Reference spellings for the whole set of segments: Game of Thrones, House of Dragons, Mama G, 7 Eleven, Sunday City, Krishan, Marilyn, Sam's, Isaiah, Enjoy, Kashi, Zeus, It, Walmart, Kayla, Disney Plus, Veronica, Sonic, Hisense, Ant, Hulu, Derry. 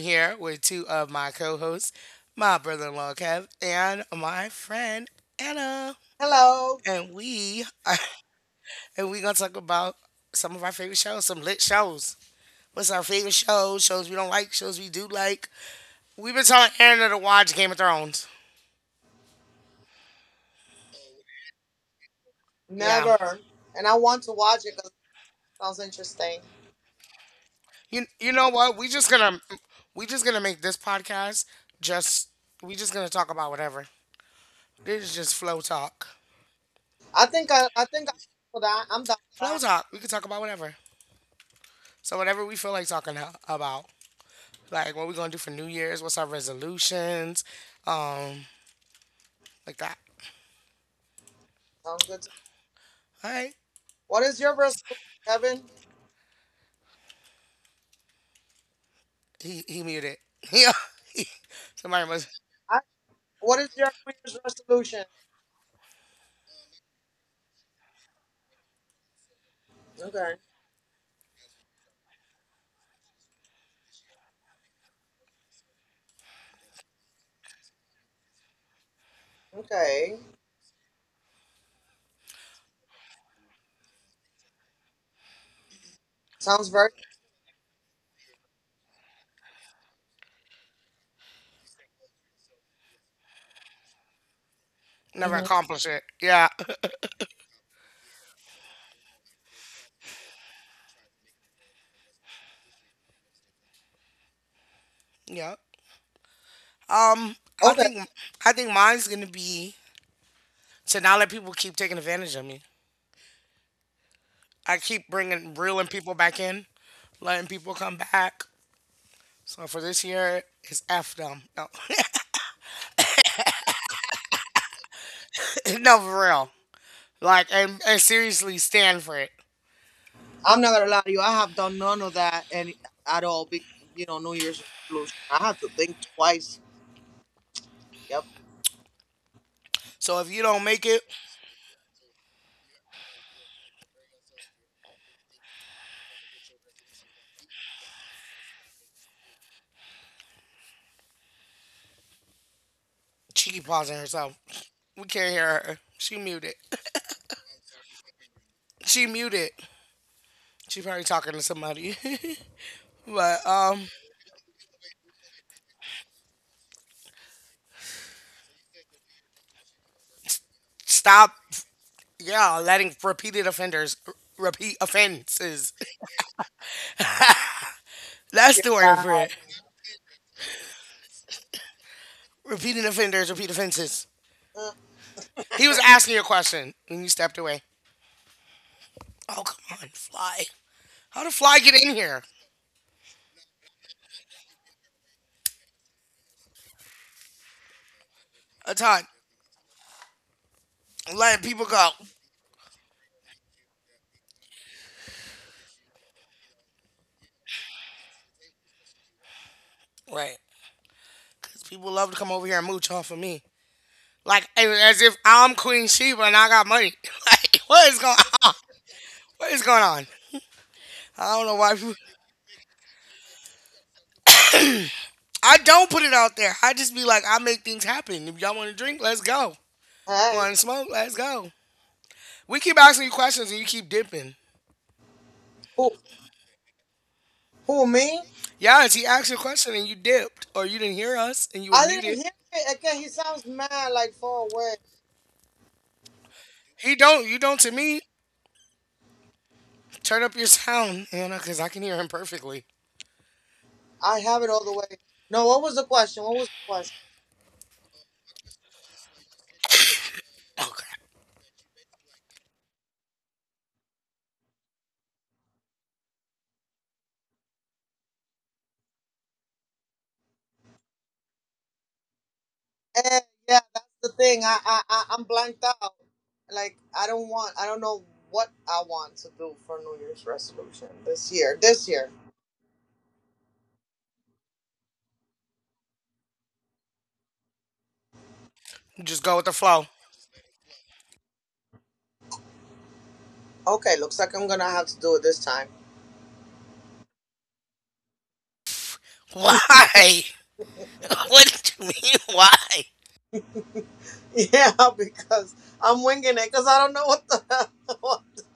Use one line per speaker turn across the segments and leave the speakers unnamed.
here with two of my co hosts, my brother in law, Kev, and my friend, Anna.
Hello.
And we are, and we're going to talk about some of our favorite shows, some lit shows. What's our favorite shows? Shows we don't like, shows we do like. We've been telling Anna to watch Game of Thrones. Yeah.
Never. And I want to watch it because it sounds interesting.
You know what? We just gonna make this podcast just we just gonna talk about whatever. This is just flow talk.
I think I'm down for that. I'm down for
Flow
that.
talk. We could talk about whatever. So whatever we feel like talking about, like what we gonna do for New Year's, what's our resolutions, um, like that.
Sounds good. To me.
All right.
What is your resolution, Kevin?
He muted. Yeah. He- Somebody must
I, what is your New Year's resolution? Okay. Okay. Sounds very.
never
Hmm.
accomplish it. Yeah. Yeah. Um, I
Okay.
think I think mine's gonna be to not let people keep taking advantage of me. I keep bringing reeling people back in, letting people come back. So for this year, it's f them. No, no, for real. Like, and seriously, stand for it.
I'm not gonna lie to you. I have done none of that any at all. Big, New Year's resolution. I have to think twice. Yep.
So if you don't make it, she keep pausing herself. We can't hear her. She muted. She muted. She probably talking to somebody. But stop. Yeah, letting repeated offenders repeat offenses. That's
You're
the word for
bad.
it. Repeating offenders repeat offenses.
Mm,
He was asking you a question and you stepped away. Oh come on, fly. How did fly get in here? A ton. Letting people go. Right. Cause people love to come over here and mooch off of me. Like as if I'm Queen Sheba and I got money. Like what is going on? What is going on? I don't know why. People, I don't put it out there. I just be like, I make things happen. If y'all want to drink, let's go.
hey.
Want to smoke? Let's go. We keep asking you questions and you keep dipping.
Who? Who? Me?
Yeah, he asked you a question and you dipped, or you didn't hear us and you were
I didn't
muted.
hear it. Okay. He sounds mad, like far away.
He don't. You don't to me. Turn up your sound, you know, because I can hear him perfectly.
I have it all the way. No, what was the question? What was the question?
Okay.
Eh, yeah, that's the thing. I'm blanked out. Like, I don't know what I want to do for New Year's resolution this year. This year.
Just go with the flow.
Okay, looks like I'm gonna have to do it this time.
Why? What do you mean? Why?
Yeah, because I'm winging it because I don't know what the hell.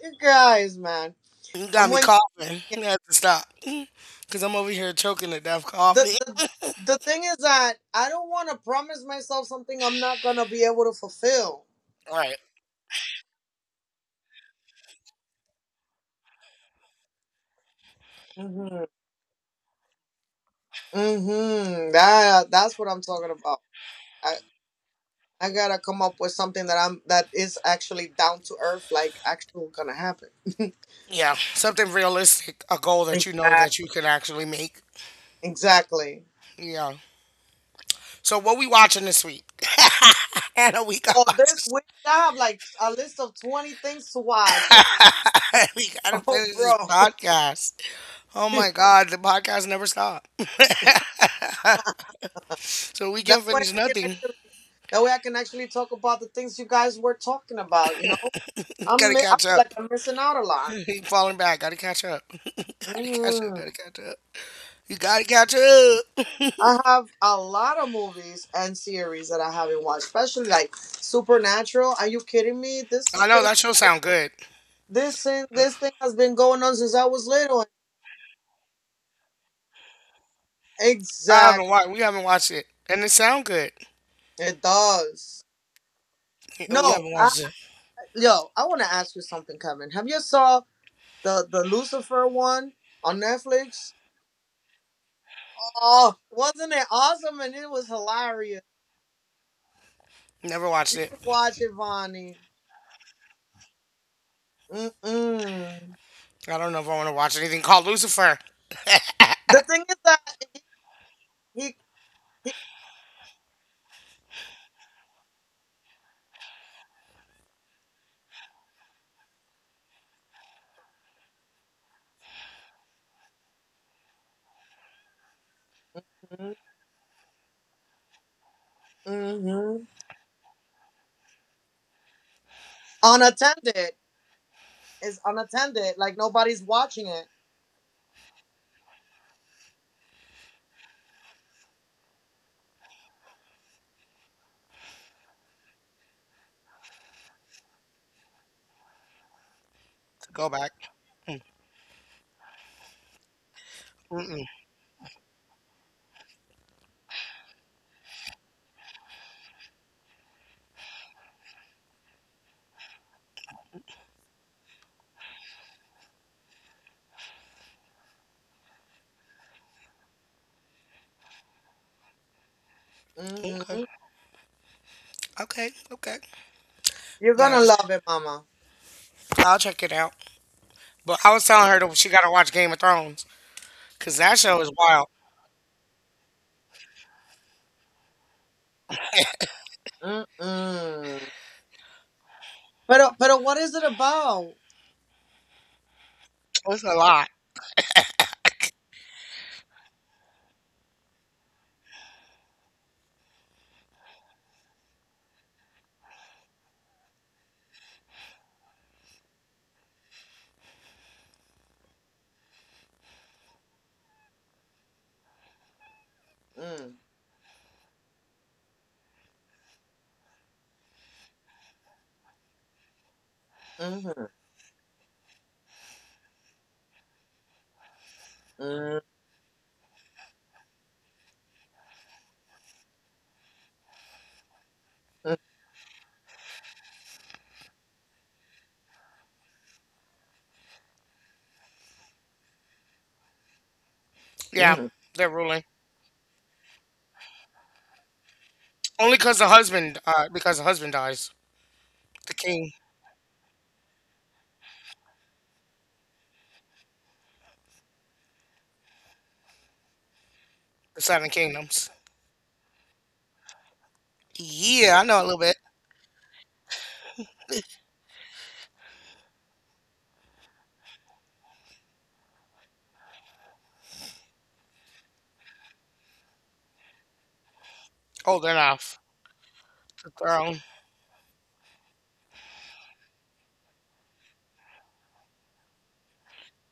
You guys, man.
You
I'm
got me
winging
coughing. You have to stop. Because I'm over here choking to death
the,
coffee.
the, the thing is that I don't want to promise myself something I'm not gonna be able to fulfill.
Right.
Mm-hmm. Mm-hmm. That's what I'm talking about. I I gotta come up with something that I'm that is actually down to earth, like actual gonna happen.
Yeah. Something realistic. A goal that you know that
Exactly.
you can actually make.
Exactly.
Yeah. So what we watching this week? Hannah, we got
Oh, this week I have like a list of 20 things to watch, and
we gotta
oh,
finish this
bro,
podcast. Oh my god, the podcast never stopped. So we
that
can't
way
finish
I can
nothing.
actually that way I can actually talk about the things you guys were talking about.
Gotta
I
catch
feel
up.
like I'm missing out a lot.
Keep falling back. Gotta catch up. Gotta catch up.
Hmm.
Gotta catch up. You gotta catch up.
I have a lot of movies and series that I haven't watched, especially like Supernatural. Are you kidding me? This
I know
thing,
that show sound good.
this thing, this thing has been going on since I was little.
I haven't
Exactly,
watched. We haven't watched it, and it sound good.
it does.
Yeah, we
No,
haven't watched it.
yo, I want to ask you something, Kevin. Have you saw the Lucifer one on Netflix? Oh, wasn't it awesome? And it was hilarious.
Never watched
You
it.
should watch it, Vonnie. Mm-mm.
I don't know if I want to watch anything called Lucifer.
The thing is that he, he mm-hmm. unattended. It's unattended. Like nobody's watching it.
Go back. Mm, mm-mm. Okay.
hmm
Okay. Okay.
You're
God,
gonna
just
love it, Mama.
I'll check it out. But I was telling her that she got to watch Game of Thrones because that show is wild.
Mm-mm. But what is it about?
It's a lot.
Mm, mhm, mm, mm,
Yeah,
mm,
they're ruling only because the husband dies. The king, the Seven Kingdoms. Yeah, I know a little bit. Old enough. The throne.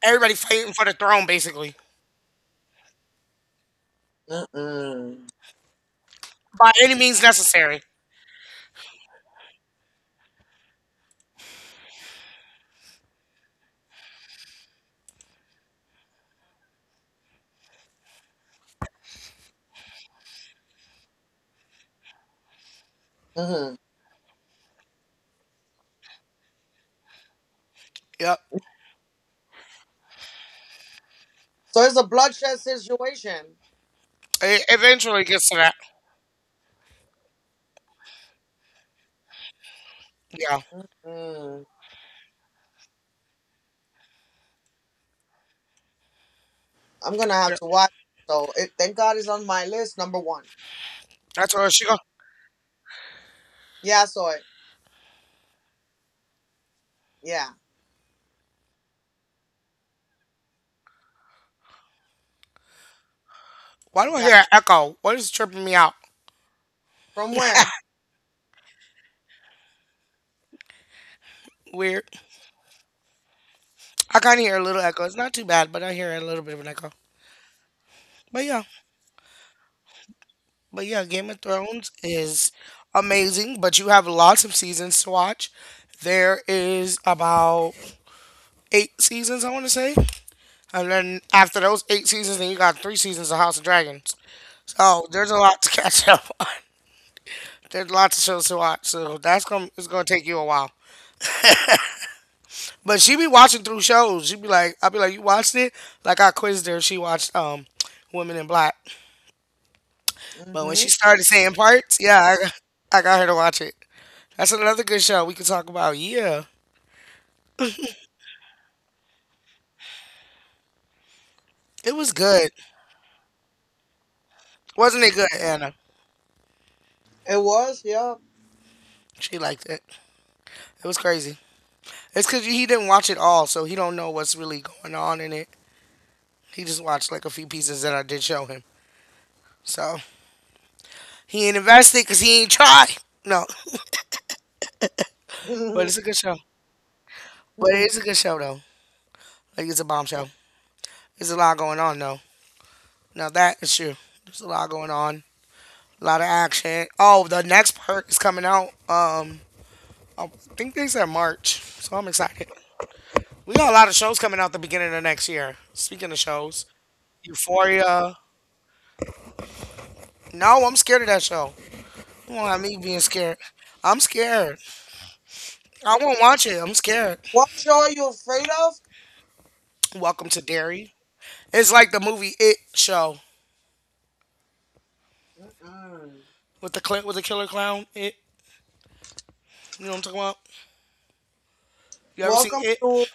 Everybody fighting for the throne, basically.
mm, mm,
By any means necessary.
mhm.
Yep.
So it's a bloodshed situation.
It eventually gets to that. Yeah.
Mm. I'm gonna have
Yep.
to watch. Thank God it's on my list, number one.
That's where she go.
Yeah, I saw it. Yeah,
Why do I
got
hear
it.
an echo? What is tripping me out?
From where?
Weird. I kind of hear a little echo. It's not too bad, but I hear a little bit of an echo. But yeah. But yeah, Game of Thrones is amazing, but you have lots of seasons to watch. There is about eight seasons, I want to say. And then after those eight seasons, then you got three seasons of House of Dragons. So there's a lot to catch up. There's lots of shows to watch, so that's gonna it's gonna take you a while. But she be watching through shows. She be like, I'll be like, you watched it? Like I quizzed her. She watched Women in Black. But when
hmm
she started saying parts, yeah, I got her to watch it. That's another good show we could talk about. Yeah, it was good, wasn't it? Good, Anna.
It was. Yeah.
She liked it. It was crazy. It's because he didn't watch it all, so he don't know what's really going on in it. He just watched like a few pieces that I did show him. So he ain't invested because he ain't tried. No, but it's a good show. But it's a good show though. Like it's a bomb show. There's a lot going on though. Now that is true. There's a lot going on. A lot of action. Oh, the next part is coming out. I think they said March, so I'm excited. We got a lot of shows coming out the beginning of next year. Speaking of shows, Euphoria. No, I'm scared of that show. You won't have me being scared. I'm scared. I won't watch it. I'm scared.
What show are you afraid of?
Welcome to Dairy. It's like the movie It show
Mm.
with the with the killer clown. It. You know what I'm talking about? You ever seen
Welcome
It?
to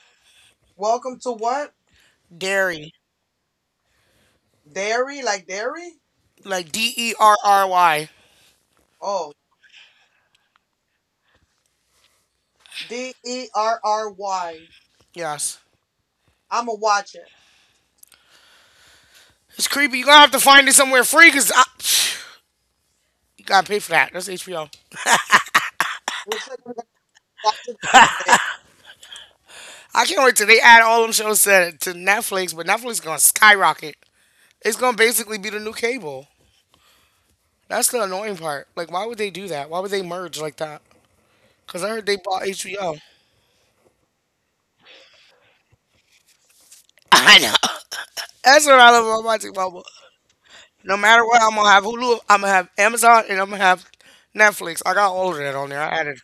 welcome to what?
Dairy.
Dairy, like dairy?
Like Derry.
Oh, Derry.
Yes.
I'ma watch it.
It's creepy. You're going to have to find it somewhere free because you got to pay for that. That's HBO.
Looks like we're gonna watch it during the day.
I can't wait till they add all them shows to Netflix, but Netflix is going to skyrocket. It's going to basically be the new cable. That's the annoying part. Like, why would they do that? Why would they merge like that? Because I heard they bought HBO. That's what I love about my Magic Bubble. No matter what, I'm going to have Hulu, I'm going to have Amazon, and I'm going to have Netflix. I got all of that on there. I added.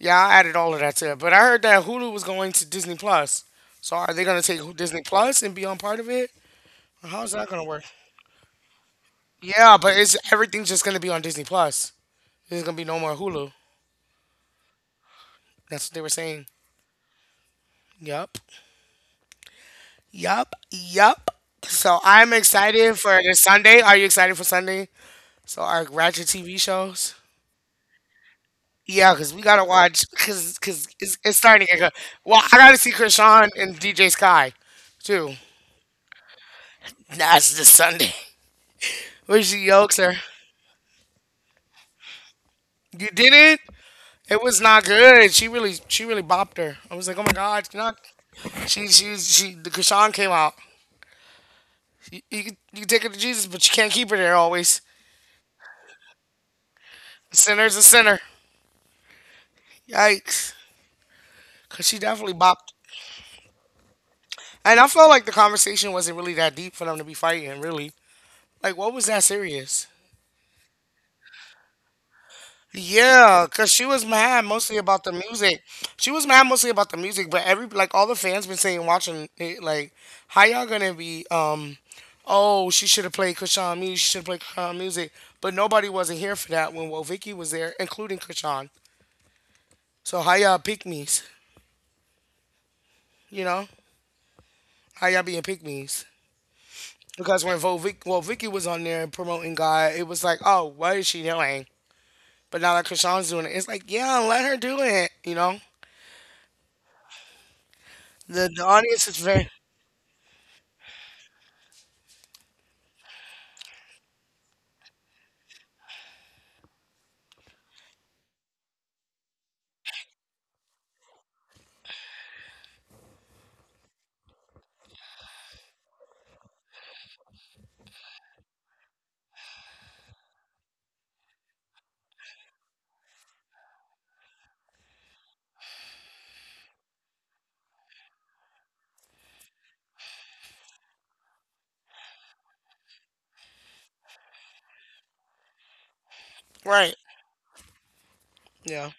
Yeah, I added all of that to it. But I heard that Hulu was going to Disney Plus. So are they going to take Disney Plus and be on part of it? How's that going to work? Yeah, but it's everything's just going to be on Disney Plus. There's going to be no more Hulu. That's what they were saying. Yup. Yup. Yup. So I'm excited for this Sunday. Are you excited for Sunday? So our Ratchet TV shows. Yeah, cause we gotta watch, cause it's starting to get good. Well, I gotta see Krishan and DJ Sky, too. That's this Sunday. Where she yokes her. You did it. It was not good. She really bopped her. I was like, oh my god, you not. She. The Krishan came out. You can take her to Jesus, but you can't keep her there always. A sinner's a sinner. Yikes. Cause she definitely bopped. And I felt like the conversation wasn't really that deep for them to be fighting. Really. Like, what was that serious? Yeah, cause she was mad mostly about the music. She was mad mostly about the music, but every like all the fans been saying watching it like, how y'all gonna be oh she should have played Krishan music, she should have played Krishan music, but nobody wasn't here for that when well Vicky was there, including Krishan. So how y'all pick me's, you know? How y'all being pick me's? Because when well, Vicky was on there promoting God, it was like, oh, what is she doing? But now that Krishan's doing it, it's like, yeah, let her do it. You know, the audience is very right. Yeah.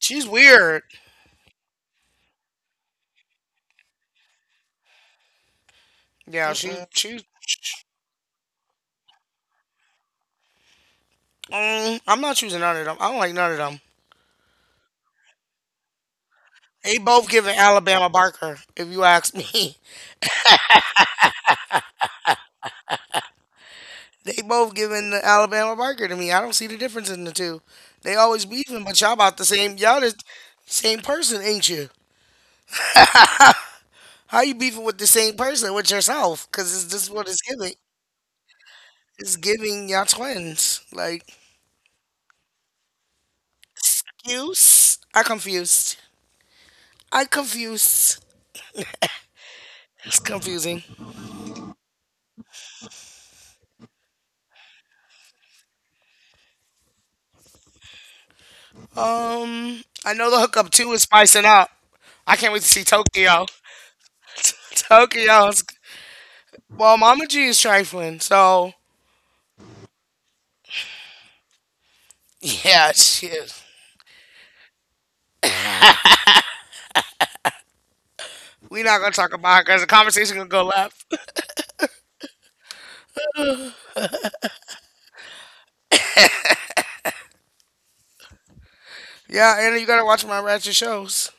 She's weird. Yeah,
Mm-mm.
she. I'm not choosing none of them. I don't like none of them. They both giving Alabama Barker, if you ask me. They both giving the Alabama Barker to me. I don't see the difference in the two. They always beefing, but y'all about the same. Y'all the same person, ain't you? How you beefing with the same person with yourself? Cause it's just what it's giving. It's giving y'all twins. Like, confused. I confused. I confused. It's confusing. I know the hookup two is spicing up. I can't wait to see Tokyo. Tokyo well, Mama G is trifling, so yeah, she is. We are not gonna talk about her because the conversation gonna go left. Yeah, Anna, you gotta watch my ratchet shows.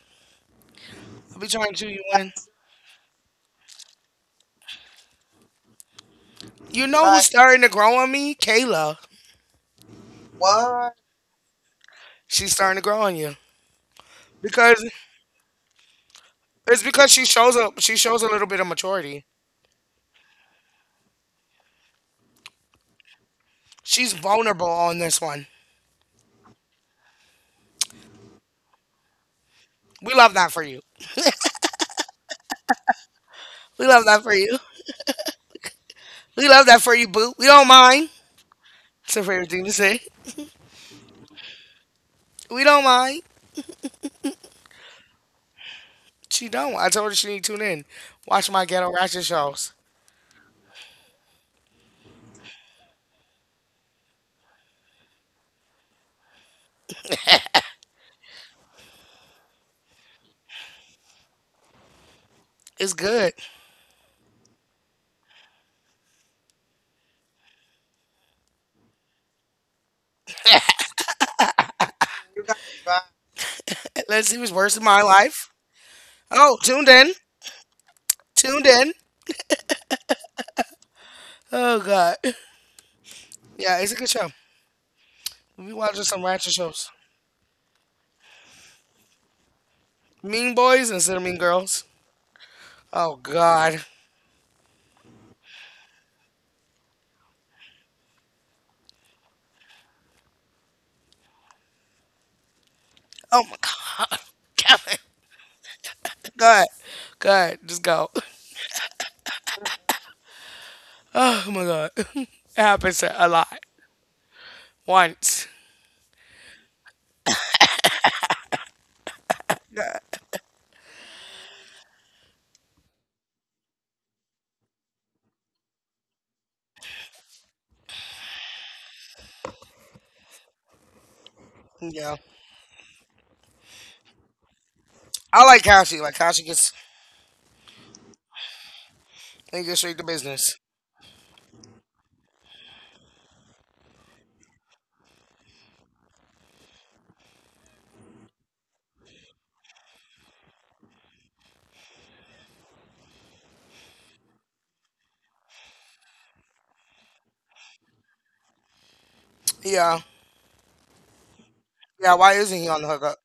I'll be trying to you win. You know who's
Like
starting to grow on me? Kayla.
what?
She's starting to grow on you because it's because she shows a She shows a little bit of maturity. She's vulnerable on this one. We love that for you. We love that for you. We love that for you, boo. We don't mind. It's a favorite thing to say. We don't mind. She don't. I told her she need to tune in. Watch my ghetto ratchet shows. It's good.
You guys are back.
Let's see what's worse in my life. Oh, tuned in. Tuned in. Oh god. Yeah, it's a good show. We watching some ratchet shows. Mean boys instead of mean girls. Oh god. Oh my god. Kevin. God. God. Just go. Oh my god. It happens a lot. Once. Yeah. I like Kashi. Like Kashi gets he gets straight to business. Yeah. Yeah, why isn't he on the hookup?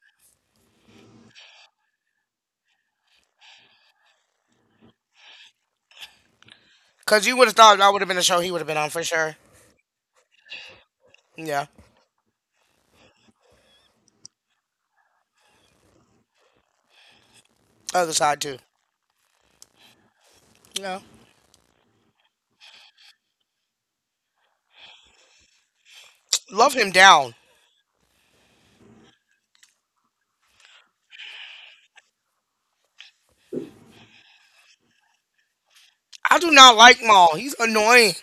Because you would have thought that would have been a show he would have been on for sure. Yeah, other side too. Yeah, love him down. I do not like Maul. He's annoying.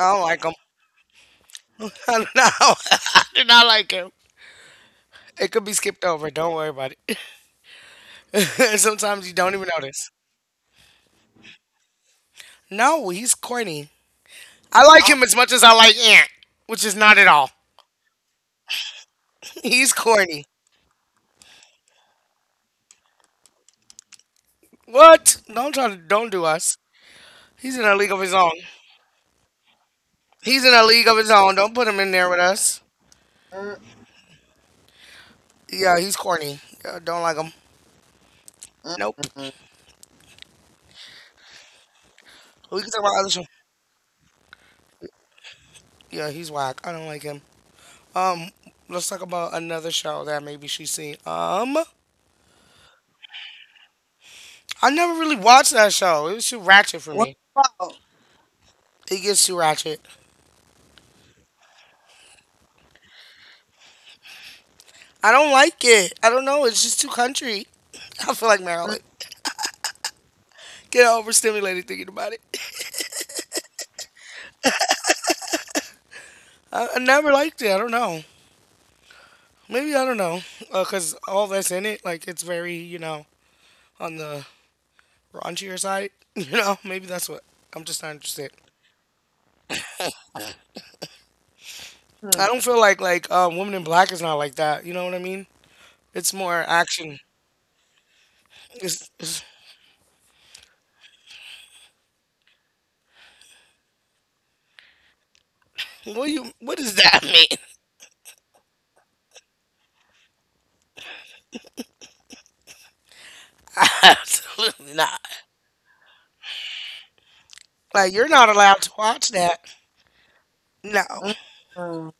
I don't like him. I do not. I do not like him. It could be skipped over. Don't worry about it. Sometimes you don't even notice. No, he's corny. I like him as much as I like Ant, which is not at all. He's corny. What? Don't try to. Don't do us. He's in a league of his own. He's in a league of his own. Don't put him in there with us.
Uh-uh.
Yeah, he's corny. Yeah, don't like him. Nope.
Mm-mm.
We can talk about other show. Yeah, he's whack. I don't like him. Um, let's talk about another show that maybe she's seen. I never really watched that show. It was too ratchet for
What's
me.
it about?
It gets too ratchet. I don't like it. I don't know. It's just too country. I feel like Marilyn. Get overstimulated thinking about it. I never liked it. I don't know. Maybe I don't know. Cause all that's in it, like it's very you know on the raunchier side. You know, maybe that's what. I'm just not interested. I
Mm-mm.
don't feel like Women in Black is not like that. You know what I mean? It's more action. It's, it's, what do you? What does that mean? Absolutely not. Like you're not allowed to watch that. No,
Mm-mm.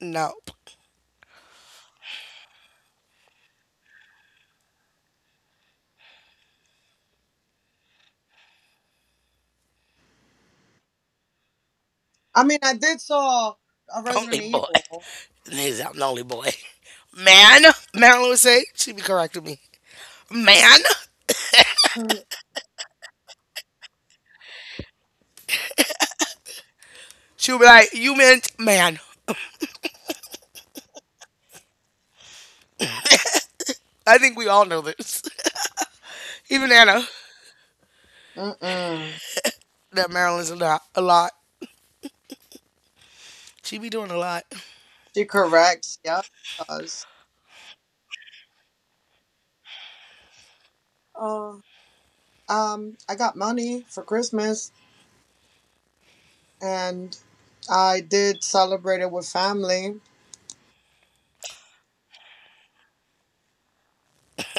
nope.
I mean, I did saw a
Only
Resident
boy.
Evil.
Niggas, I'm the only boy. Man, Marilyn would say she'd be correcting me. Man,
Mm.
she would be like, "You meant man." I think we all know this. Even Anna,
Mm-mm.
that Marilyn's a lot. A lot. She be doing a lot.
She corrects. Yeah, she does. Uh, I got money for Christmas. And I did celebrate it with family.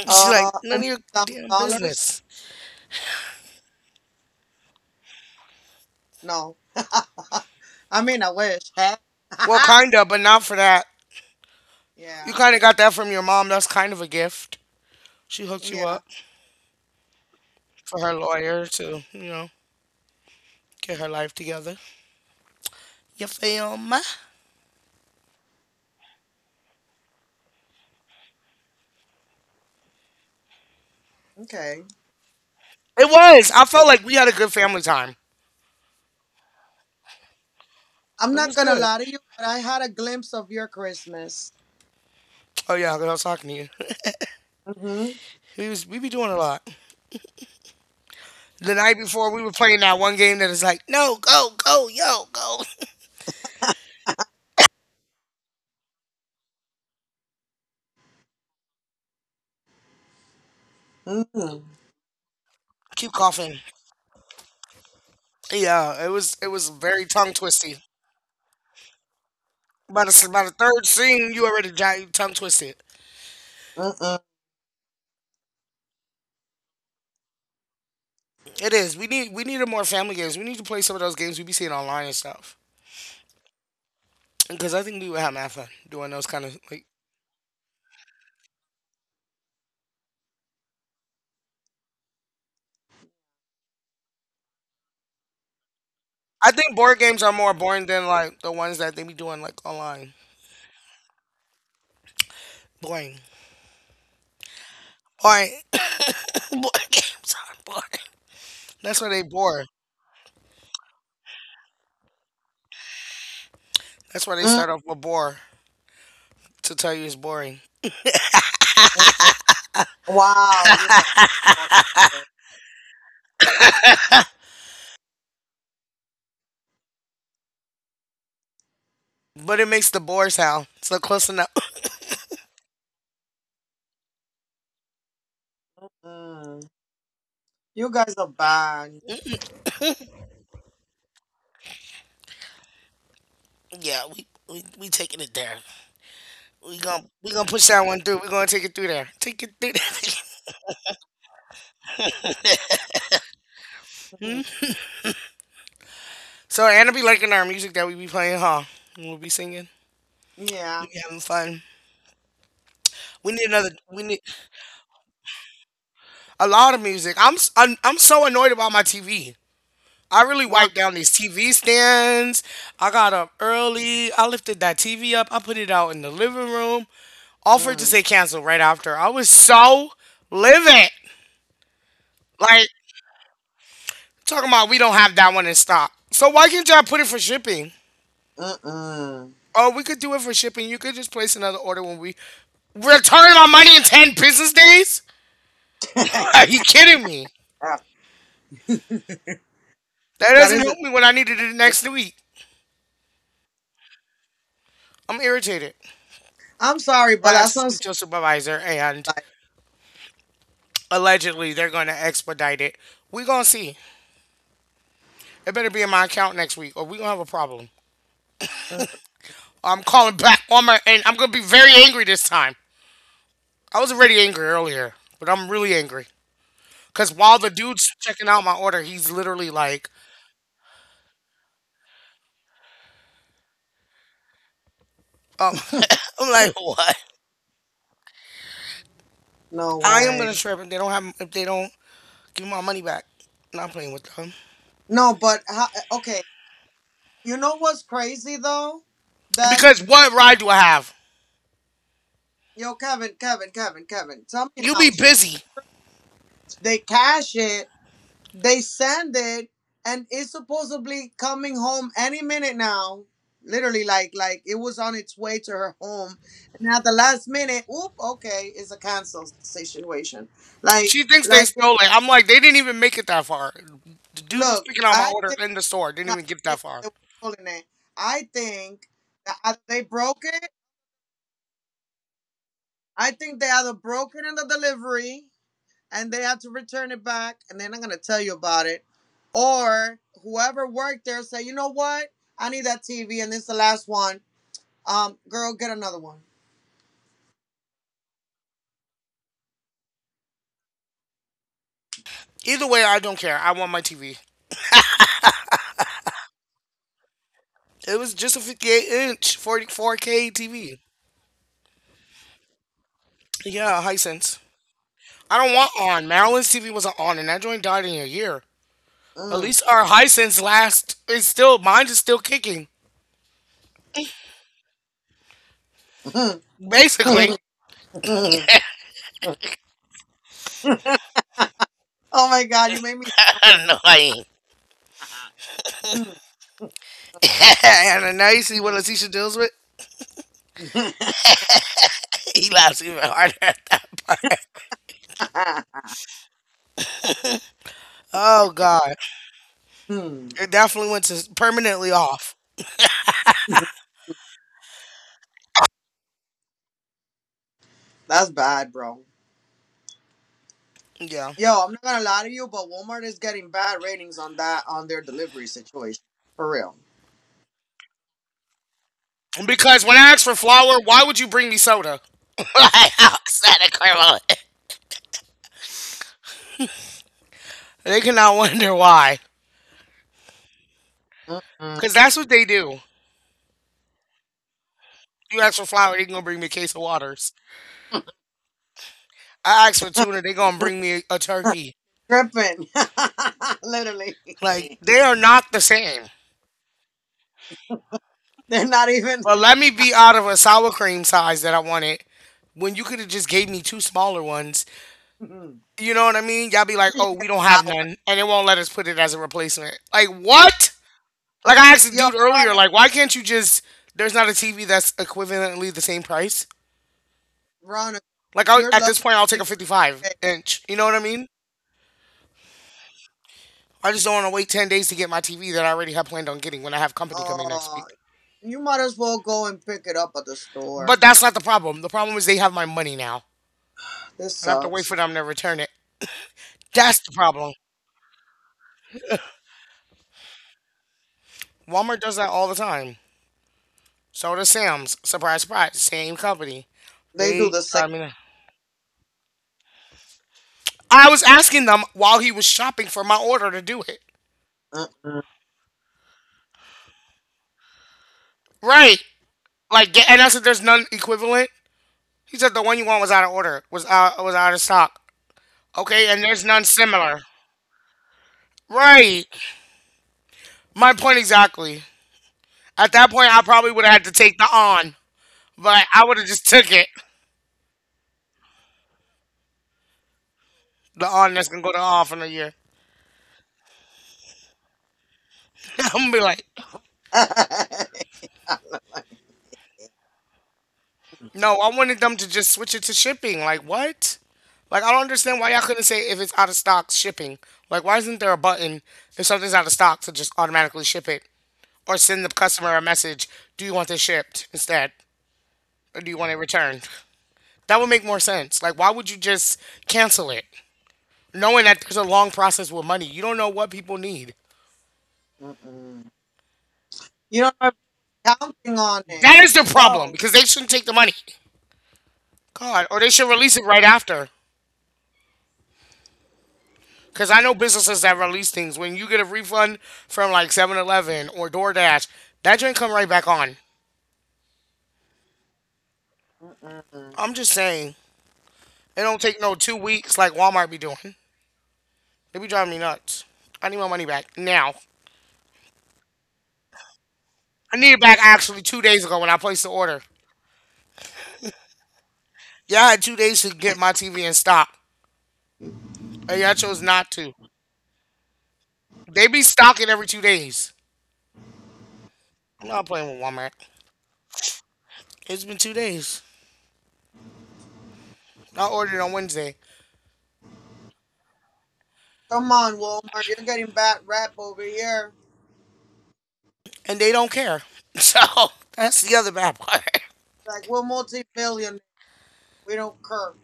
She's like,
Uh,
none of
almost
your
thousand
damn
dollars?
business.
No, I mean I wish. Hey.
Well, kinda, but not for that. You
Yeah,
kinda got that from your mom. That's kind of a gift. She hooked you
yeah,
up for her lawyer to, you know, get her life together. You feel me?
okay.
It was. I felt like we had a good family time.
I'm
It
not
was
gonna
good.
lie to you, but I had a glimpse of your Christmas.
Oh yeah, 'cause I was talking to you.
Mm-hmm.
We be doing a lot. The night before we were playing that one game that is like, no, go, go, yo, go.
Mm-hmm.
Keep coughing. Yeah, it was very tongue twisty. By the third scene, you already got tongue twisted.
Mm-mm.
It is. We needed more family games. We need to play some of those games we be seeing online and stuff. Because I think we would have more fun doing those kind of like. I think board games are more boring than like the ones that they be doing like online. Boring. All right. Board games are boring. That's why they bore. That's why they
Mm-mm.
start off with bore to tell you it's boring.
Mm-mm. Wow, you're bad.
But it makes the bore sound so close enough.
Mm. You guys are bad.
Yeah, we taking it there. We gonna push that one through. We gonna take it through there. Take it through
Mhm.
there. So Anna be liking our music that we be playing, huh? And we'll be singing.
Yeah.
We be having fun. We need another. We need a lot of music. I'm so annoyed about my TV. I really
Why?
wiped down these TV stands. I got up early. I lifted that TV up. I put it out in the living room. Offered to
Mm.
say cancel right after. I was so livid. Like talking about we don't have that one in stock. So why can't y'all put it for shipping?
Mm-mm.
Oh, we could do it for shipping. You could just place another order when we return my money in 10 business days. Are you kidding me? That
That
doesn't
is
help
it.
me when I need it next week. I'm irritated.
I'm sorry,
So
but
I
that
asked to speak
sounds
to a supervisor, and
like
allegedly they're going to expedite it. We're going to see. It better be in my account next week, or we're going to have a problem.
uh,
I'm calling back on my, and I'm going to be very angry this time. I was already angry earlier, but I'm really angry. Because while the dude's checking out my order, he's literally like, um, I'm like, what?
no
I am going to
way.
trip if they don't have, if they don't give me my money back. Not playing with them.
No, but how, okay. You know what's crazy though? That
Because what ride do I have?
yo, Kevin, Kevin, Kevin, Kevin. Tell me
You
how
be
she pays.
busy.
They cash it. They send it, and it's supposedly coming home any minute now. Literally, like it was on its way to her home, and at the last minute, oop, okay, it's a cancel situation. Like
She thinks they
like if,
stole it. I'm like, they didn't even make it that far. The dude was
look,
picking out my
I No, I
order in the store. Didn't
didn't
even get that
think
far.
they were stolen it. I think that either they broke it. I think they either broke it in the delivery and they had to return it back, and they're not gonna tell you about it, or whoever worked there said, you know what, I need that TV, and this is the last one. Girl, get another one.
Either way, I don't care. I want my TV. It was just a 58 inch 44K TV. Yeah, Hisense. I don't want on. Maryland's TV wasn't on, and that joint died in a year. At
Mm.
least our Hisense last is still mine is still kicking. Basically,
Oh my god, you made me
annoying. And now you see what Leticia deals with.
snort.
Oh God, it definitely went to permanently off.
That's bad, bro.
Yeah.
Yo, I'm not gonna lie to you, but Walmart is getting bad ratings on that on their delivery situation. For real.
Because when I asked for flour, why would you bring me soda? Why else that equivalent? They cannot wonder why.
Mm-mm.
Because that's what they do. You ask for flour, they going to bring me a case of waters. I ask for tuna, they going to bring me a turkey.
Tripping. Literally.
Like, they are not the same.
They're not even
But let me be out of a sour cream size that I wanted when you could have just gave me two smaller ones.
you
You know what I mean? Y'all be like, oh, we
get
don't have
flour.
none. And they won't let us put it as a replacement. Like, what? Like I asked the
Yo,
dude earlier,
Veronica,
like why can't you just? There's not a TV that's equivalently the same price.
Veronica,
Like I,
you're
at this
lucky
point, I'll take a
today.
55 inch. You know what I mean? I just don't want to wait 10 days to get my TV that I already have planned on getting when I have company coming next
Uh
week.
you might as well go and pick it up at the store.
But that's not the problem. The problem is they have my money now,
This
and I have to wait
sucks.
for them to return it. That's the problem. Walmart does that all the time. So does Sam's. Surprise, surprise. Same company.
They do
They
the same.
drive me nuts. I was asking them while he was shopping for my order to do it.
Mm-mm.
Right. Like, get, and I said, there's none equivalent. He said the one you want was out of order, was out of stock. Okay, and there's none similar. Right. My point exactly. At that point, I probably would have had to take the on, but I would have just took it. The on that's gonna go to off in a year. I'm gonna be like, no, I wanted them to just switch it to shipping. Like what? Like I don't understand why y'all couldn't say if it's out of stock, shipping. Like why isn't there a button if something's out of stock to just automatically ship it or send the customer a message, do you want this shipped instead? Or do you want it returned? That would make more sense. Like, why would you just cancel it? Knowing that there's a long process with money, you don't know what people need.
Mm-mm. You don't know if you're counting on it
That
as
is the problem
well.
because they shouldn't take the money. God, or they should release it right after. Because I know businesses that release things. When you get a refund from like 7-Eleven or DoorDash, that joint come right back on.
Mm-mm.
I'm just saying, it don't take no 2 weeks like Walmart be doing. They be driving me nuts. I need my money back now. I need it back actually 2 days ago when I placed the order. Y'all had 2 days to get my TV in stock, and y'all chose not to. They be stocking every 2 days. I'm not playing with Walmart. It's been 2 days. I ordered it on Wednesday,
Come on, Walmart. You're getting bad rap over here.
and they don't care. So that's the other bad part.
Like, we're multi-billionaire. We don't care.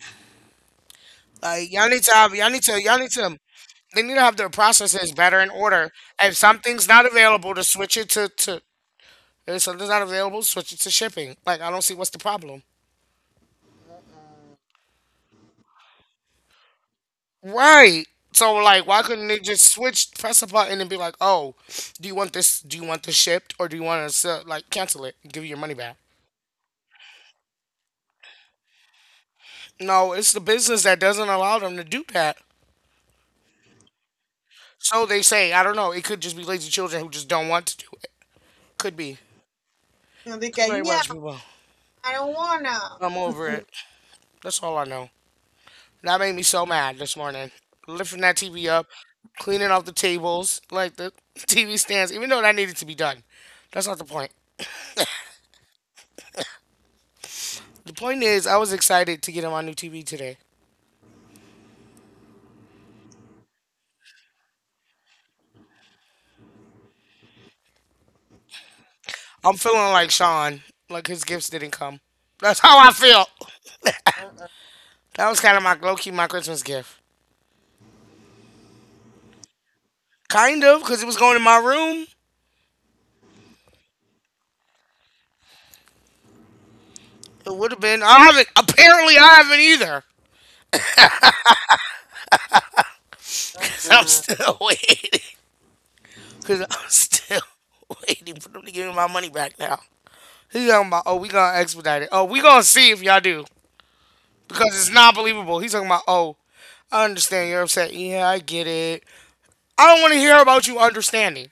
Like y'all need to have, y'all need to. They need to have their processes better in order. If something's not available, to switch it to to. If something's not available, switch it to shipping. Like I don't see what's the problem.
Mm-mm.
Right. So like why couldn't they just switch, press a button and be like, "Oh, do you want this, do you want this shipped or do you want us to like cancel it and give you your money back?" No, it's the business that doesn't allow them to do that. So they say, I don't know, it could just be lazy children who just don't want to do it. Could be.
And they
Could
get,
be a
yeah,
bunch of people.
I don't wanna.
I'm over it. That's all I know. That made me so mad this morning. Lifting that TV up, cleaning off the tables, like the TV stands, even though that needed to be done. That's not the point. The point is, I was excited to get on my new TV today. I'm feeling like Sean, like his gifts didn't come. That's how I feel.
Mm-mm.
That was kind of my low key my Christmas gift. Kind of, because it was going in my room. It would have been. I haven't. Apparently, I haven't either. 'Cause I'm
Mm-mm.
still waiting. Because I'm still waiting for them to give me my money back now. He's talking about, oh, we going to expedite it. Oh, we going to see if y'all do. Because it's not believable. He's talking about, oh, I understand you're upset. Yeah, I get it. I don't want to hear about you understanding.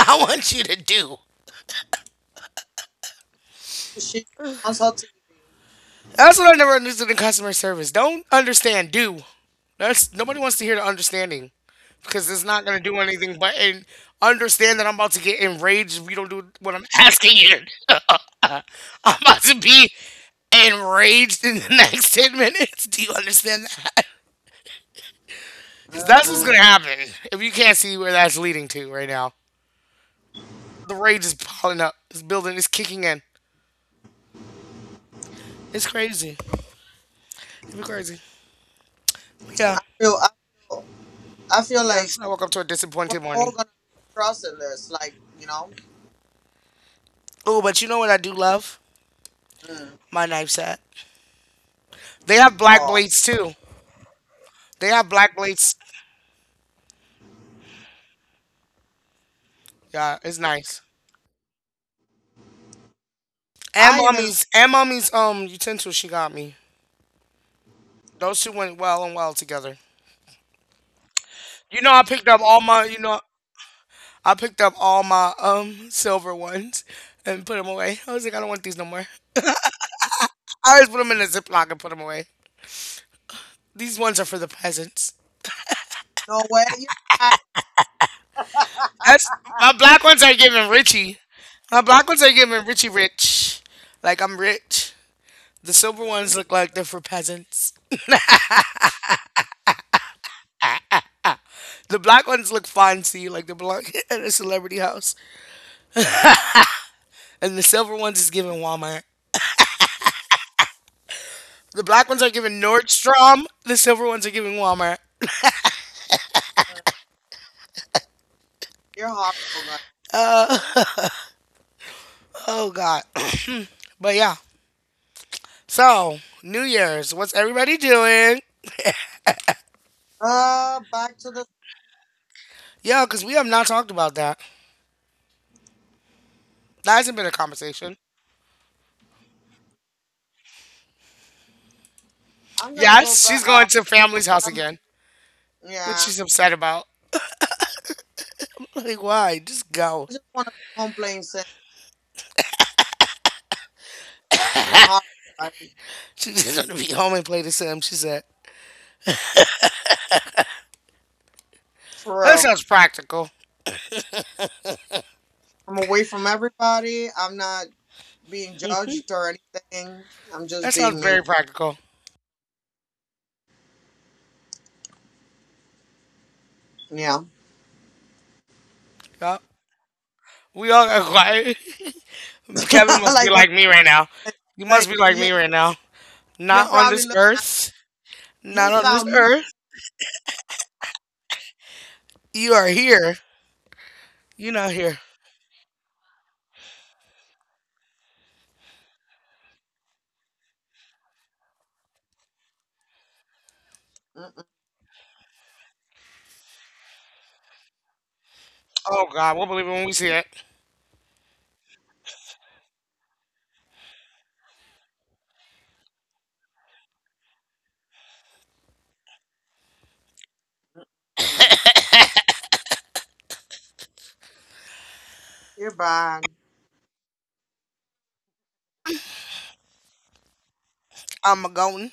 want you to do.
She wants her TV.
That's what I never understood in customer service. Don't understand, do. That's nobody wants to hear the understanding because it's not gonna do anything but, and understand that I'm about to get enraged if you don't do what I'm asking you to do. I'm about to be enraged in the next 10 minutes. Do you understand that? Because that's what's
Mm-mm.
gonna happen if you can't see where that's leading to right now. The rage is piling up. It's building. It's kicking in. It's crazy. It'd be crazy. But yeah.
I, feel, I, feel, I feel
But
like
yes, I woke up to a
we're
disappointed
all
morning.
gonna lose trust in this. Like, you know?
Oh, but you know what I do love?
Mm.
My knife set. They have black
Oh.
blades too. They have black blades. Yeah, it's nice. And
I even like,
mommy's and mommy's utensil she got me. Those two went well and well together. You know I picked up all my you know I picked up all my silver ones and put them away. I was like, I don't want these no more. I always put them in a ziploc and put them away. These ones are for the peasants.
no way, you're bad.
That's, my black ones are giving Richie. My black ones are giving Richie Rich. Like I'm rich. The silver ones
Mm.
look like they're for peasants. The black ones look fancy, like they belong at a celebrity house, and the silver ones is given Walmart. The black ones are given Nordstrom. The silver ones are given Walmart.
You're horrible, girl.
Oh God. But yeah. So New Year's, what's everybody doing?
Uh, back to the...
Yeah, because we have not talked about that. That hasn't been a conversation.
I'm gonna go
Yes,
back,
she's going to
do some
family's house
family.
again, which
Yeah.
she's upset about. Like, why? Just go.
I just want to be home plain saying I'm a hard right?
She's just gonna be home and play the Sims. She said.
For
That
real.
sounds practical.
I'm away from everybody. I'm not being judged or anything. I'm
That
just
sounds
being
very
me.
practical.
Yeah.
Yeah. We all got quiet. Kevin must be
Like what?
like me right now.
The heck?
You must
Like
be like
you,
me right now.
you're
Not on
probably
this
looking at
earth.
me. You
Not on this
sound mad.
earth. You are here. You're not here.
Mm-mm.
Oh God, we'll believe it when we see it.
Mm-mm. You're bad.
I'm a going.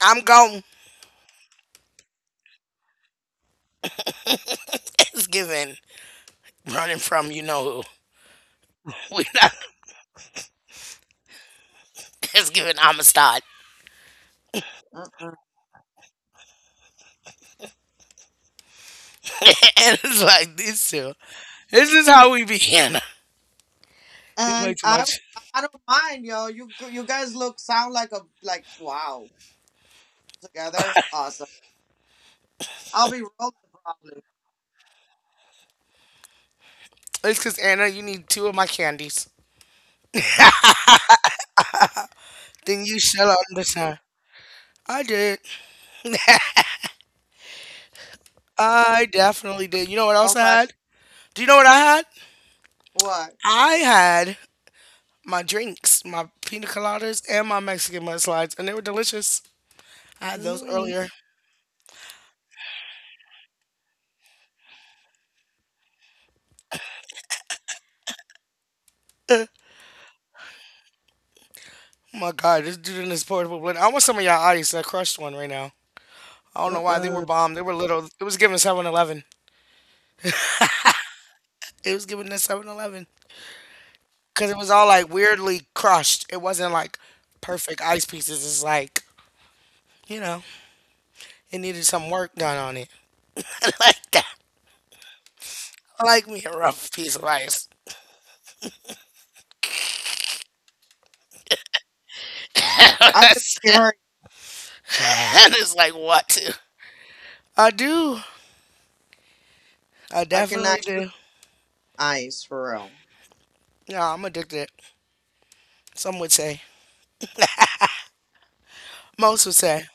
I'm going. It's given. Running from you know who. We're not. It's given Amistad.
Mm-mm.
And it's like these two. This is how we be, Anna. We play
And
too
I,
much.
I don't mind, yo. You guys look sound like a like wow together. Awesome. I'll be rolling probably.
It's 'cause Anna, you need two of my candies. Then you shell out this time. I did. I definitely did. You know what else I
Self action.
had? Do you know what I had?
What?
I had my drinks, my pina coladas, and my Mexican mudslides, and they were delicious. I had those
Mm-mm.
earlier. Eh, my God, this dude in this portable blender. I want some of y'all ice. I crushed one right now. I don't know why they were
Mm-mm.
bomb. They were little. It was giving 7-Eleven. It was giving the 7-Eleven because it was all like weirdly crushed. It wasn't like perfect ice pieces. It's like, you know, it needed some work done on it. like that. I like me a rough piece of ice.
I can see
and
her.
it's like what? I do. I
I can
definitely
actually
do.
ice for real.
Yeah, I'm addicted. Some would say, most would say.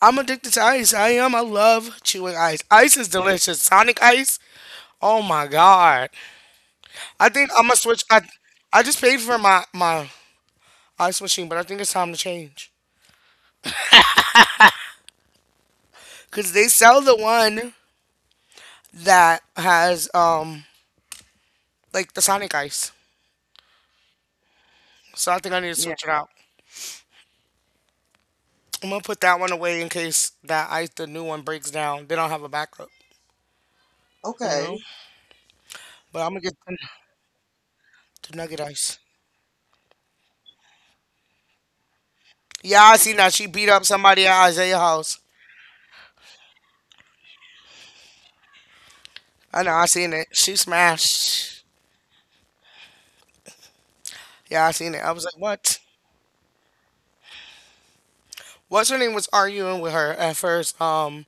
I'm addicted to ice. I am. I love chewing ice. Ice is delicious. Sonic ice. Oh my god. I think I'm gonna switch. I just paid for my ice machine, but I think it's time to change because they sell the one that has like the Sonic ice. So I think I need to
Yeah.
switch it out. I'm gonna put that one away in case that ice, the new one, breaks down. They don't have a backup, you know.
Okay.
But I'm gonna get the nugget ice. Yeah, I seen that she beat up somebody at Isaiah house. I know, I seen it. She smashed. Yeah, I seen it. I was like, what? What's her name was arguing with her at first?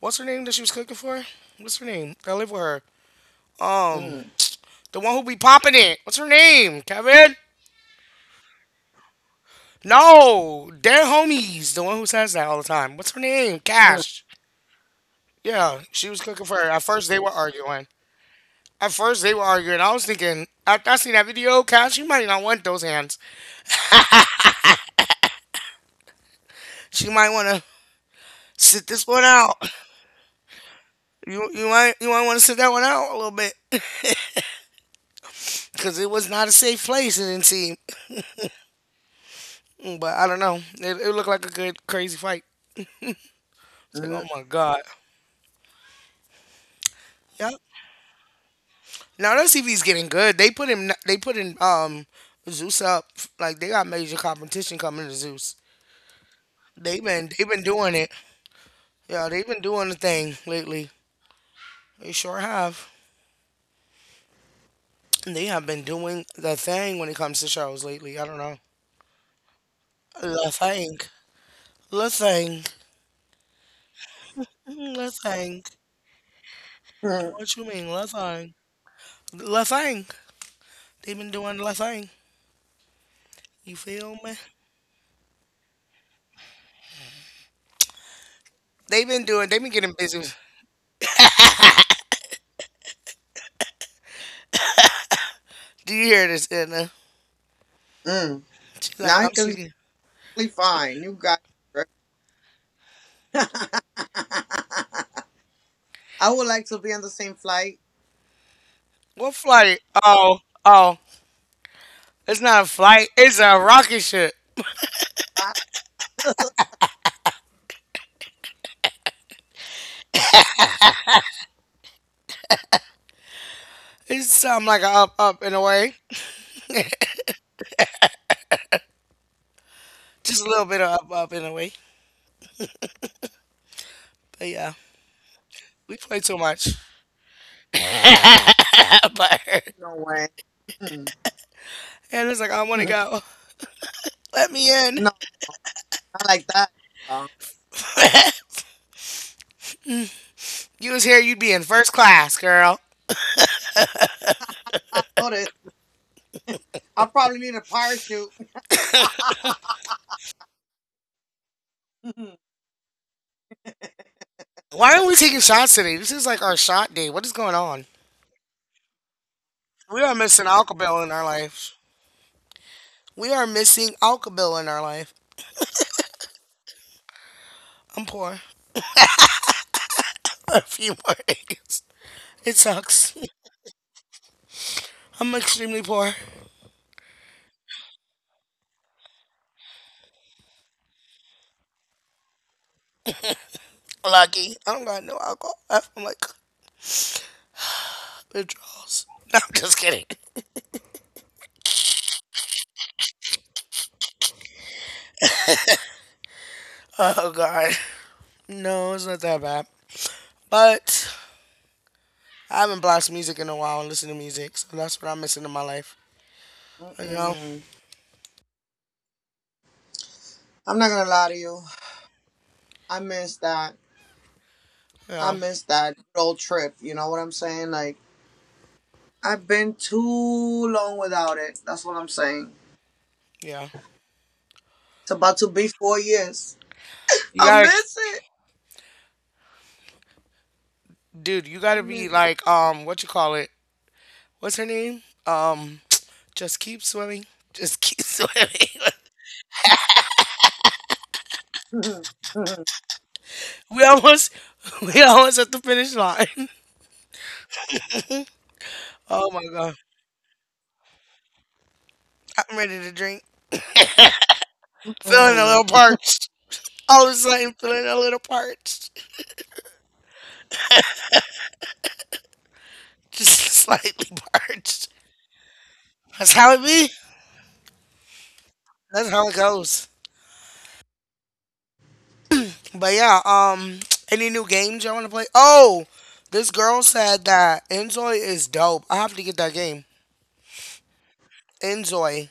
What's her name that she was cooking for? What's her name? I live with her. Um,
Mm,
the one who be popping it. What's her name? Kevin? No, their homies. The one who says that all the time. What's her name?
mm,
Cash. Yeah, she was cooking for her. At first, they were arguing. I was thinking, after I seen that video, Cash, she might not want those hands. She might want to sit this one out. You might, you might want to sit that one out a little bit because it was not a safe place. It didn't seem, but I don't know. It looked like a good crazy fight. It's like
mm,
oh my god. Yep. Now that CV's getting good. They put him. They put in Zeus up. Like they got major competition coming to Zeus. They have been doing it. Yeah, they've been doing the thing lately. They sure have. They have been doing the thing when it comes to shows lately. I don't know. The thing. The thing. Mm, the thing.
mm,
What you mean? The thing. La thing. They've been doing la thing. You feel me? They've been doing. They've been getting busy with- Do you hear this, Edna?
mm.
She's
Now
like,
I
I'm
can
sick of-
be fine. You guys. I would like to be on the same flight.
What flight? Oh, oh, it's not a flight. It's a rocket ship.
Ah,
It's something like a up, up and away. Just a little bit of up, up and away. But yeah, we play too much.
no way. Mm,
And it's like, I want to
mm.
go. Let me in.
No, not like that. Uh,
You was here, you'd be in first class, girl.
I know this. I probably need a parachute.
Why aren't we taking shots today? This is like our shot day. What is going on? We are missing alcohol in our lives. We are missing Alka Alcabil in our life. I'm poor. A few more days. It sucks. I'm extremely poor. Lucky. I don't got no alcohol left. I'm like withdrawals. No, I'm just kidding. Oh god. No, it's not that bad. But I haven't blasted music in a while and listened to music, so that's what I'm missing in my life. You know?
Mm-mm. I'm not gonna lie to you. I miss that. I
Yeah.
miss that good old trip. You know what I'm saying? Like I've been too long without it. That's what I'm saying.
Yeah.
It's about to be 4 years.
You
I
gotta,
miss it.
dude, you
I
gotta
miss.
be like, what you call it? What's her name? Just keep swimming. Just keep swimming.
Mm,
We almost we almost at the finish line. Oh my god. I'm ready to drink. Feeling a little
Mm-mm.
parched. All of a sudden feeling a little parched. Just slightly parched. That's how it be. That's how it goes. But yeah, any new games y'all wanna play? Oh, this girl said that Enjoy is dope. I have to get that game. Enjoy.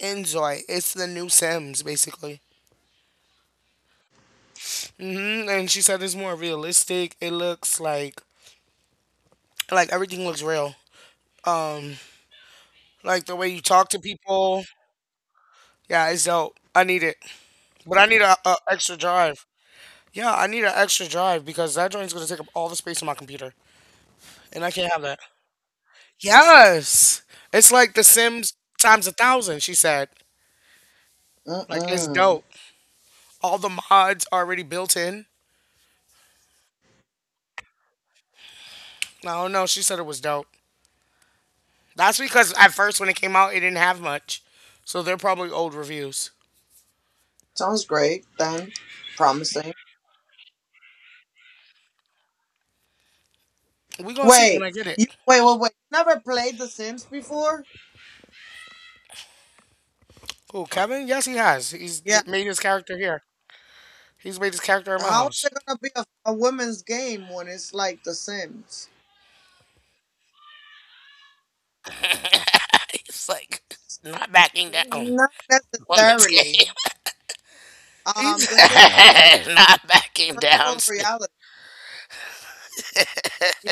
Enjoy. It's the new Sims basically. Hmm. And she said it's more realistic. It looks like everything looks real. Um, like the way you talk to people. Yeah, it's dope. I need it, but I need a extra drive. Yeah, I need an extra drive because that joint's gonna take up all the space on my computer, and I can't have that. Yes, it's like The Sims times a thousand. She said, like it's
Mm-mm.
dope. All the mods already built in. I don't know. She said it was dope. That's because at first when it came out, it didn't have much, so they're probably old reviews.
Sounds great. Then promising.
We gonna see when
Wait,
I get it.
you wait, wait, wait. You never played The Sims before?
Who, Kevin? Yes, he has. He's
Yeah.
d- made his character here. He's made his character in my
How is
house.
it gonna be a women's game when it's like The Sims?
It's like not backing down.
Not
Woman's game.
necessarily.
He's
The Sims
not backing
is
down.
virtual
Still.
reality. Yeah.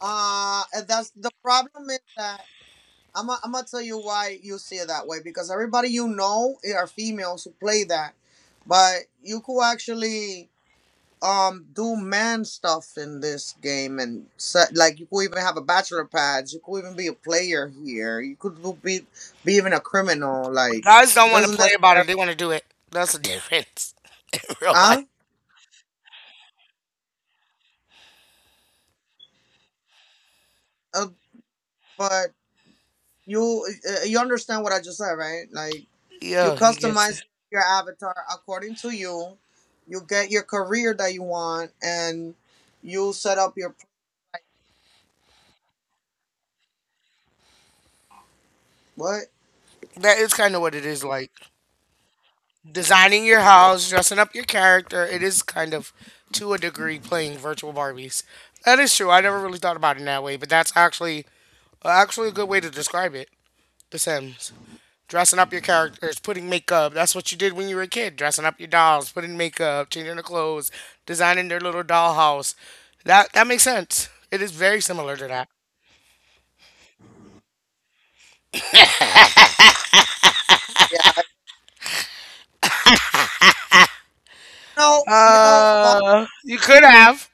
And that's the problem is that I'm gonna tell you why you see it that way because everybody are females who play that, but you could actually do man stuff in this game and set, like you could even have a bachelor pads. You could even be a player here. You could be even a criminal.
But
Like
guys
it
don't want to
doesn't
play about it.
necessarily.
They want to do it. That's the difference in real life.
Huh? Uh, but you understand what I just said, right? Like you
Yeah, he gets it.
customize your avatar according to you. You get your career that you want, and you set up your what?
That is kind of what it is like. Designing your house, dressing up your character. It is kind of, to a degree, playing virtual Barbies. That is true. I never really thought about it in that way, but that's actually actually a good way to describe it. The Sims, dressing up your characters, putting makeup. That's what you did when you were a kid, dressing up your dolls, putting makeup, changing their clothes, designing their little dollhouse. That makes sense. It is very similar to that.
Yeah. Von,
You could have,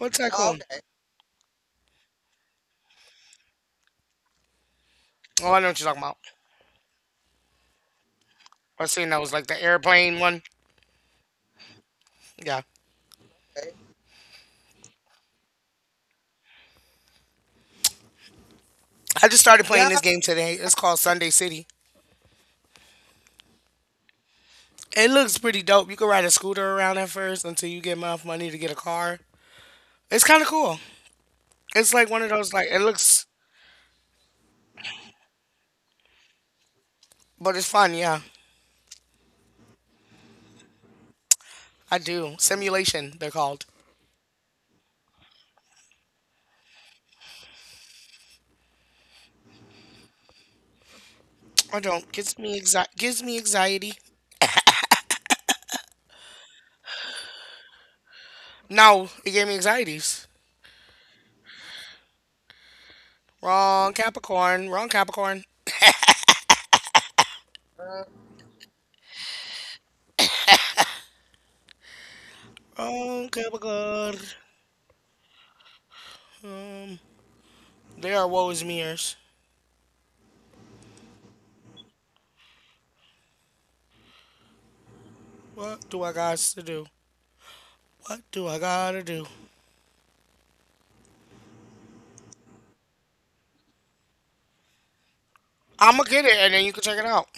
what
oh,
tycoon?
okay,
Oh, I know what you're talking about. I was saying that was like the airplane one. Yeah.
okay.
I just started playing
Yeah,
this game today. It's called Sunday City. It looks pretty dope. You can ride a scooter around at first until you get enough money to get a car. It's kind of cool. It's like one of those, like it looks, but it's fun. Yeah, I do. Simulation, they're called. I don't. Gives me anxiety. No, it gave me anxieties. Wrong Capricorn. Wrong Capricorn.
uh,
Wrong Capricorn. Um, they are woe is me. What do I got to do? What do I gotta do? I'ma get it, and then you can check it out.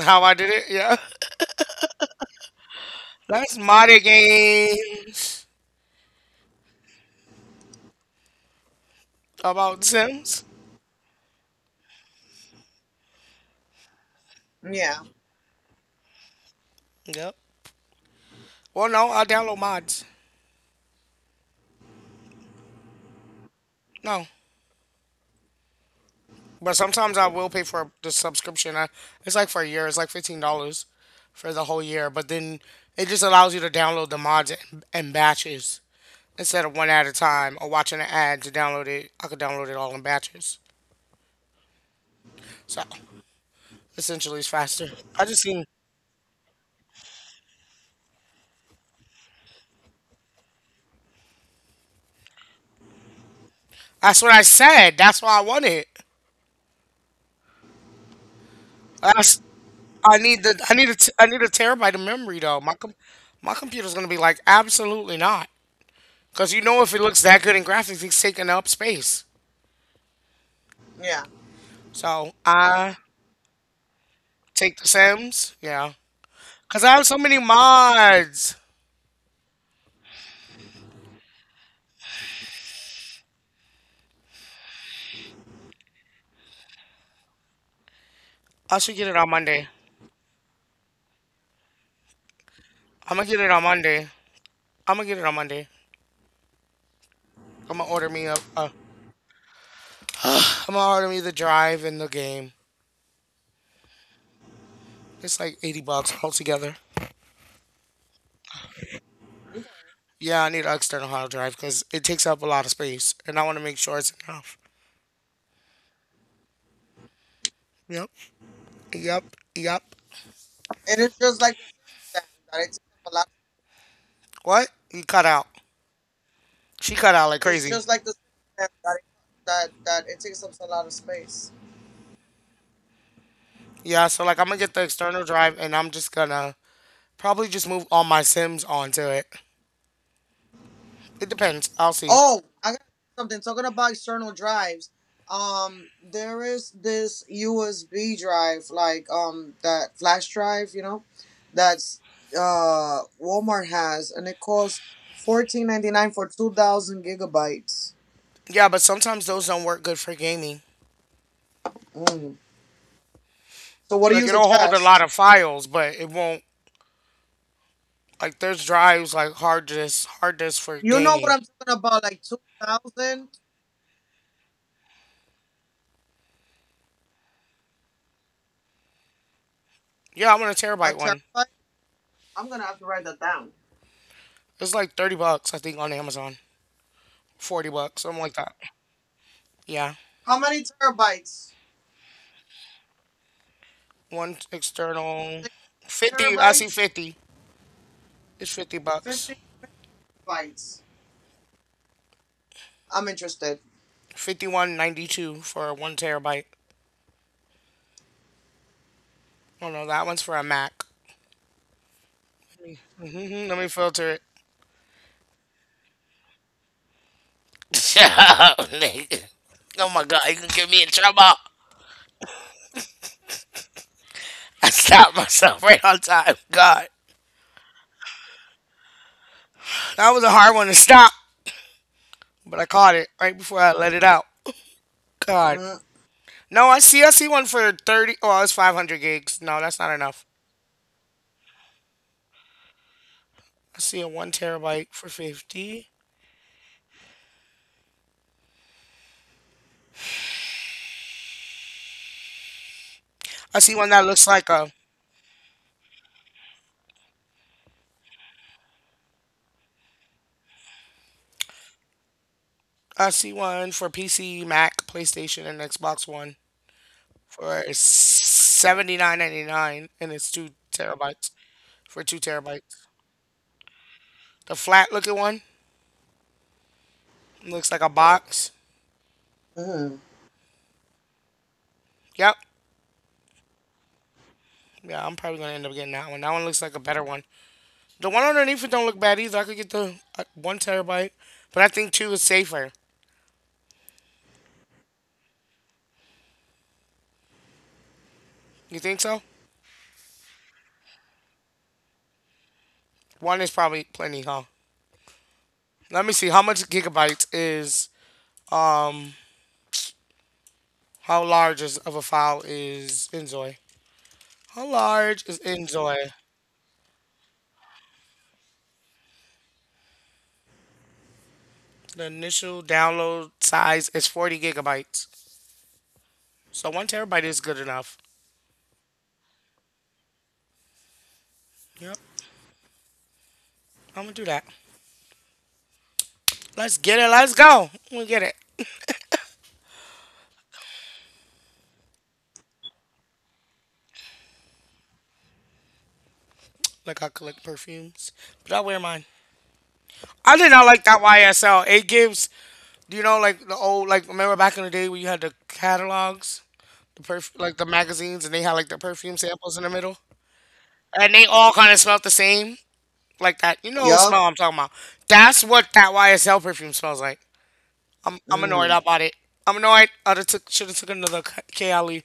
How I did it? Yeah. That's modded games about Sims.
yeah,
Yep. Well, no, I download mods. No. But sometimes I will pay for the subscription. It's like for a year. It's like $15 for the whole year. But then it just allows you to download the mods in batches instead of one at a time or watching an ad to download it. I could download it all in batches. So essentially, it's faster. I just seen. That's what I said. That's why I want it. That's, I need a I need a terabyte of memory though. My computer's gonna be like absolutely not. Cause you know if it looks that good in graphics, it's taking up space.
yeah.
So I take The Sims? Yeah. Because I have so many mods. I should get it on Monday. I'm going to get it on Monday. I'm going to get it on Monday. I'm going to order me a, a, I'm going to order me the drive and the game. It's like 80 bucks altogether. Yeah, I need an external hard drive because it takes up a lot of space and I want to make sure it's enough. Yep. Yep. Yep.
It is just like the Sims stand that it takes up a lot.
What? You cut out. She cut out like
It's
crazy.
just like the Sims stand that that it takes up a lot of space.
Yeah, so like I'm gonna get the external drive and I'm just gonna probably just move all my Sims onto it. It depends. I'll see.
Oh, I got something. Talking about external drives, there is this USB drive, like that flash drive, that's Walmart has, and it costs 14.99 for 2,000 gigabytes.
Yeah, but sometimes those don't work good for gaming.
Mm. So, what do
Like
you
it'll hold a lot
suggest?
of files, but it won't. Like there's drives like hard disk for
You know what
gaming.
I'm talking about, like 2,000
Yeah, I want a
a
terabyte one.
terabyte. I'm gonna have to write that down.
It's like $30, I think, on Amazon. $40, something like that. Yeah,
How many terabytes?
one external,
Six
50. I see
terabytes?
50. It's $50.
15 bytes? I'm interested.
51.92 for one terabyte. Oh no, that one's for a Mac. Hmm, let me filter it. Shut up, Nigga. Oh my god, you can get me in trouble. I stopped myself right on time. God. That was a hard one to stop, but I caught it right before I let it out. God. No, I see, I see one for 30. Oh, it's 500 gigs. No, that's not enough. I see a 1 terabyte for 50. I see one that looks like a, I see one for PC, Mac, PlayStation and Xbox One for 79.99 and it's 2 terabytes, for 2 terabytes. The flat looking one looks like a box.
Mm-hmm.
Yep. Yeah, I'm probably going to end up getting that one. That one looks like a better one. The one underneath it don't look bad either. I could get the one terabyte, but I think two is safer. You think so? One is probably plenty, huh? Let me see. How much gigabytes is um? How large is of a file is Enjoy? How large is Enjoy? The initial download size is 40 gigabytes, so one terabyte is good enough. Yep, I'm gonna do that. Let's get it. Let's go. We get it. Like I collect perfumes, but I wear mine. I did not like that YSL. It gives, do you know like the old, like remember back in the day when you had the catalogs, the like the magazines, and they had like the perfume samples in the middle, and they all kind of smelled the same, like that. You know what
Yup.
smell I'm talking about? That's what that YSL perfume smells like. I'm annoyed
Mm.
I bought it. I'm annoyed. I took should have took another Kali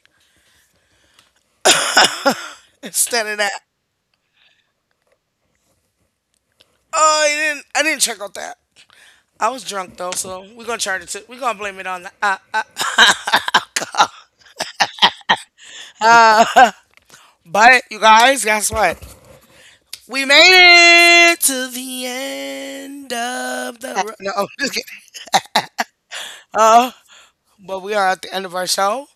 instead of that. Oh, I didn't check out that. I was drunk though, so we're gonna charge it. To, we're gonna blame it on that. But you guys, guess what? We made it to the end of the
Okay.
road. No, oh, just kidding. Uh, but we are at the end of our show,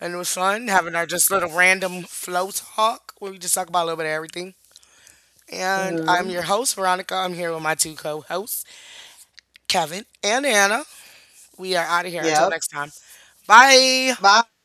and it was fun having our just little random flow talk where we just talk about a little bit of everything. And I'm
Mm-hmm.
your host, Veronica. I'm here with my two co hosts, Kevin and Anna. We are out of here until
Yep.
next time. Bye.
Bye.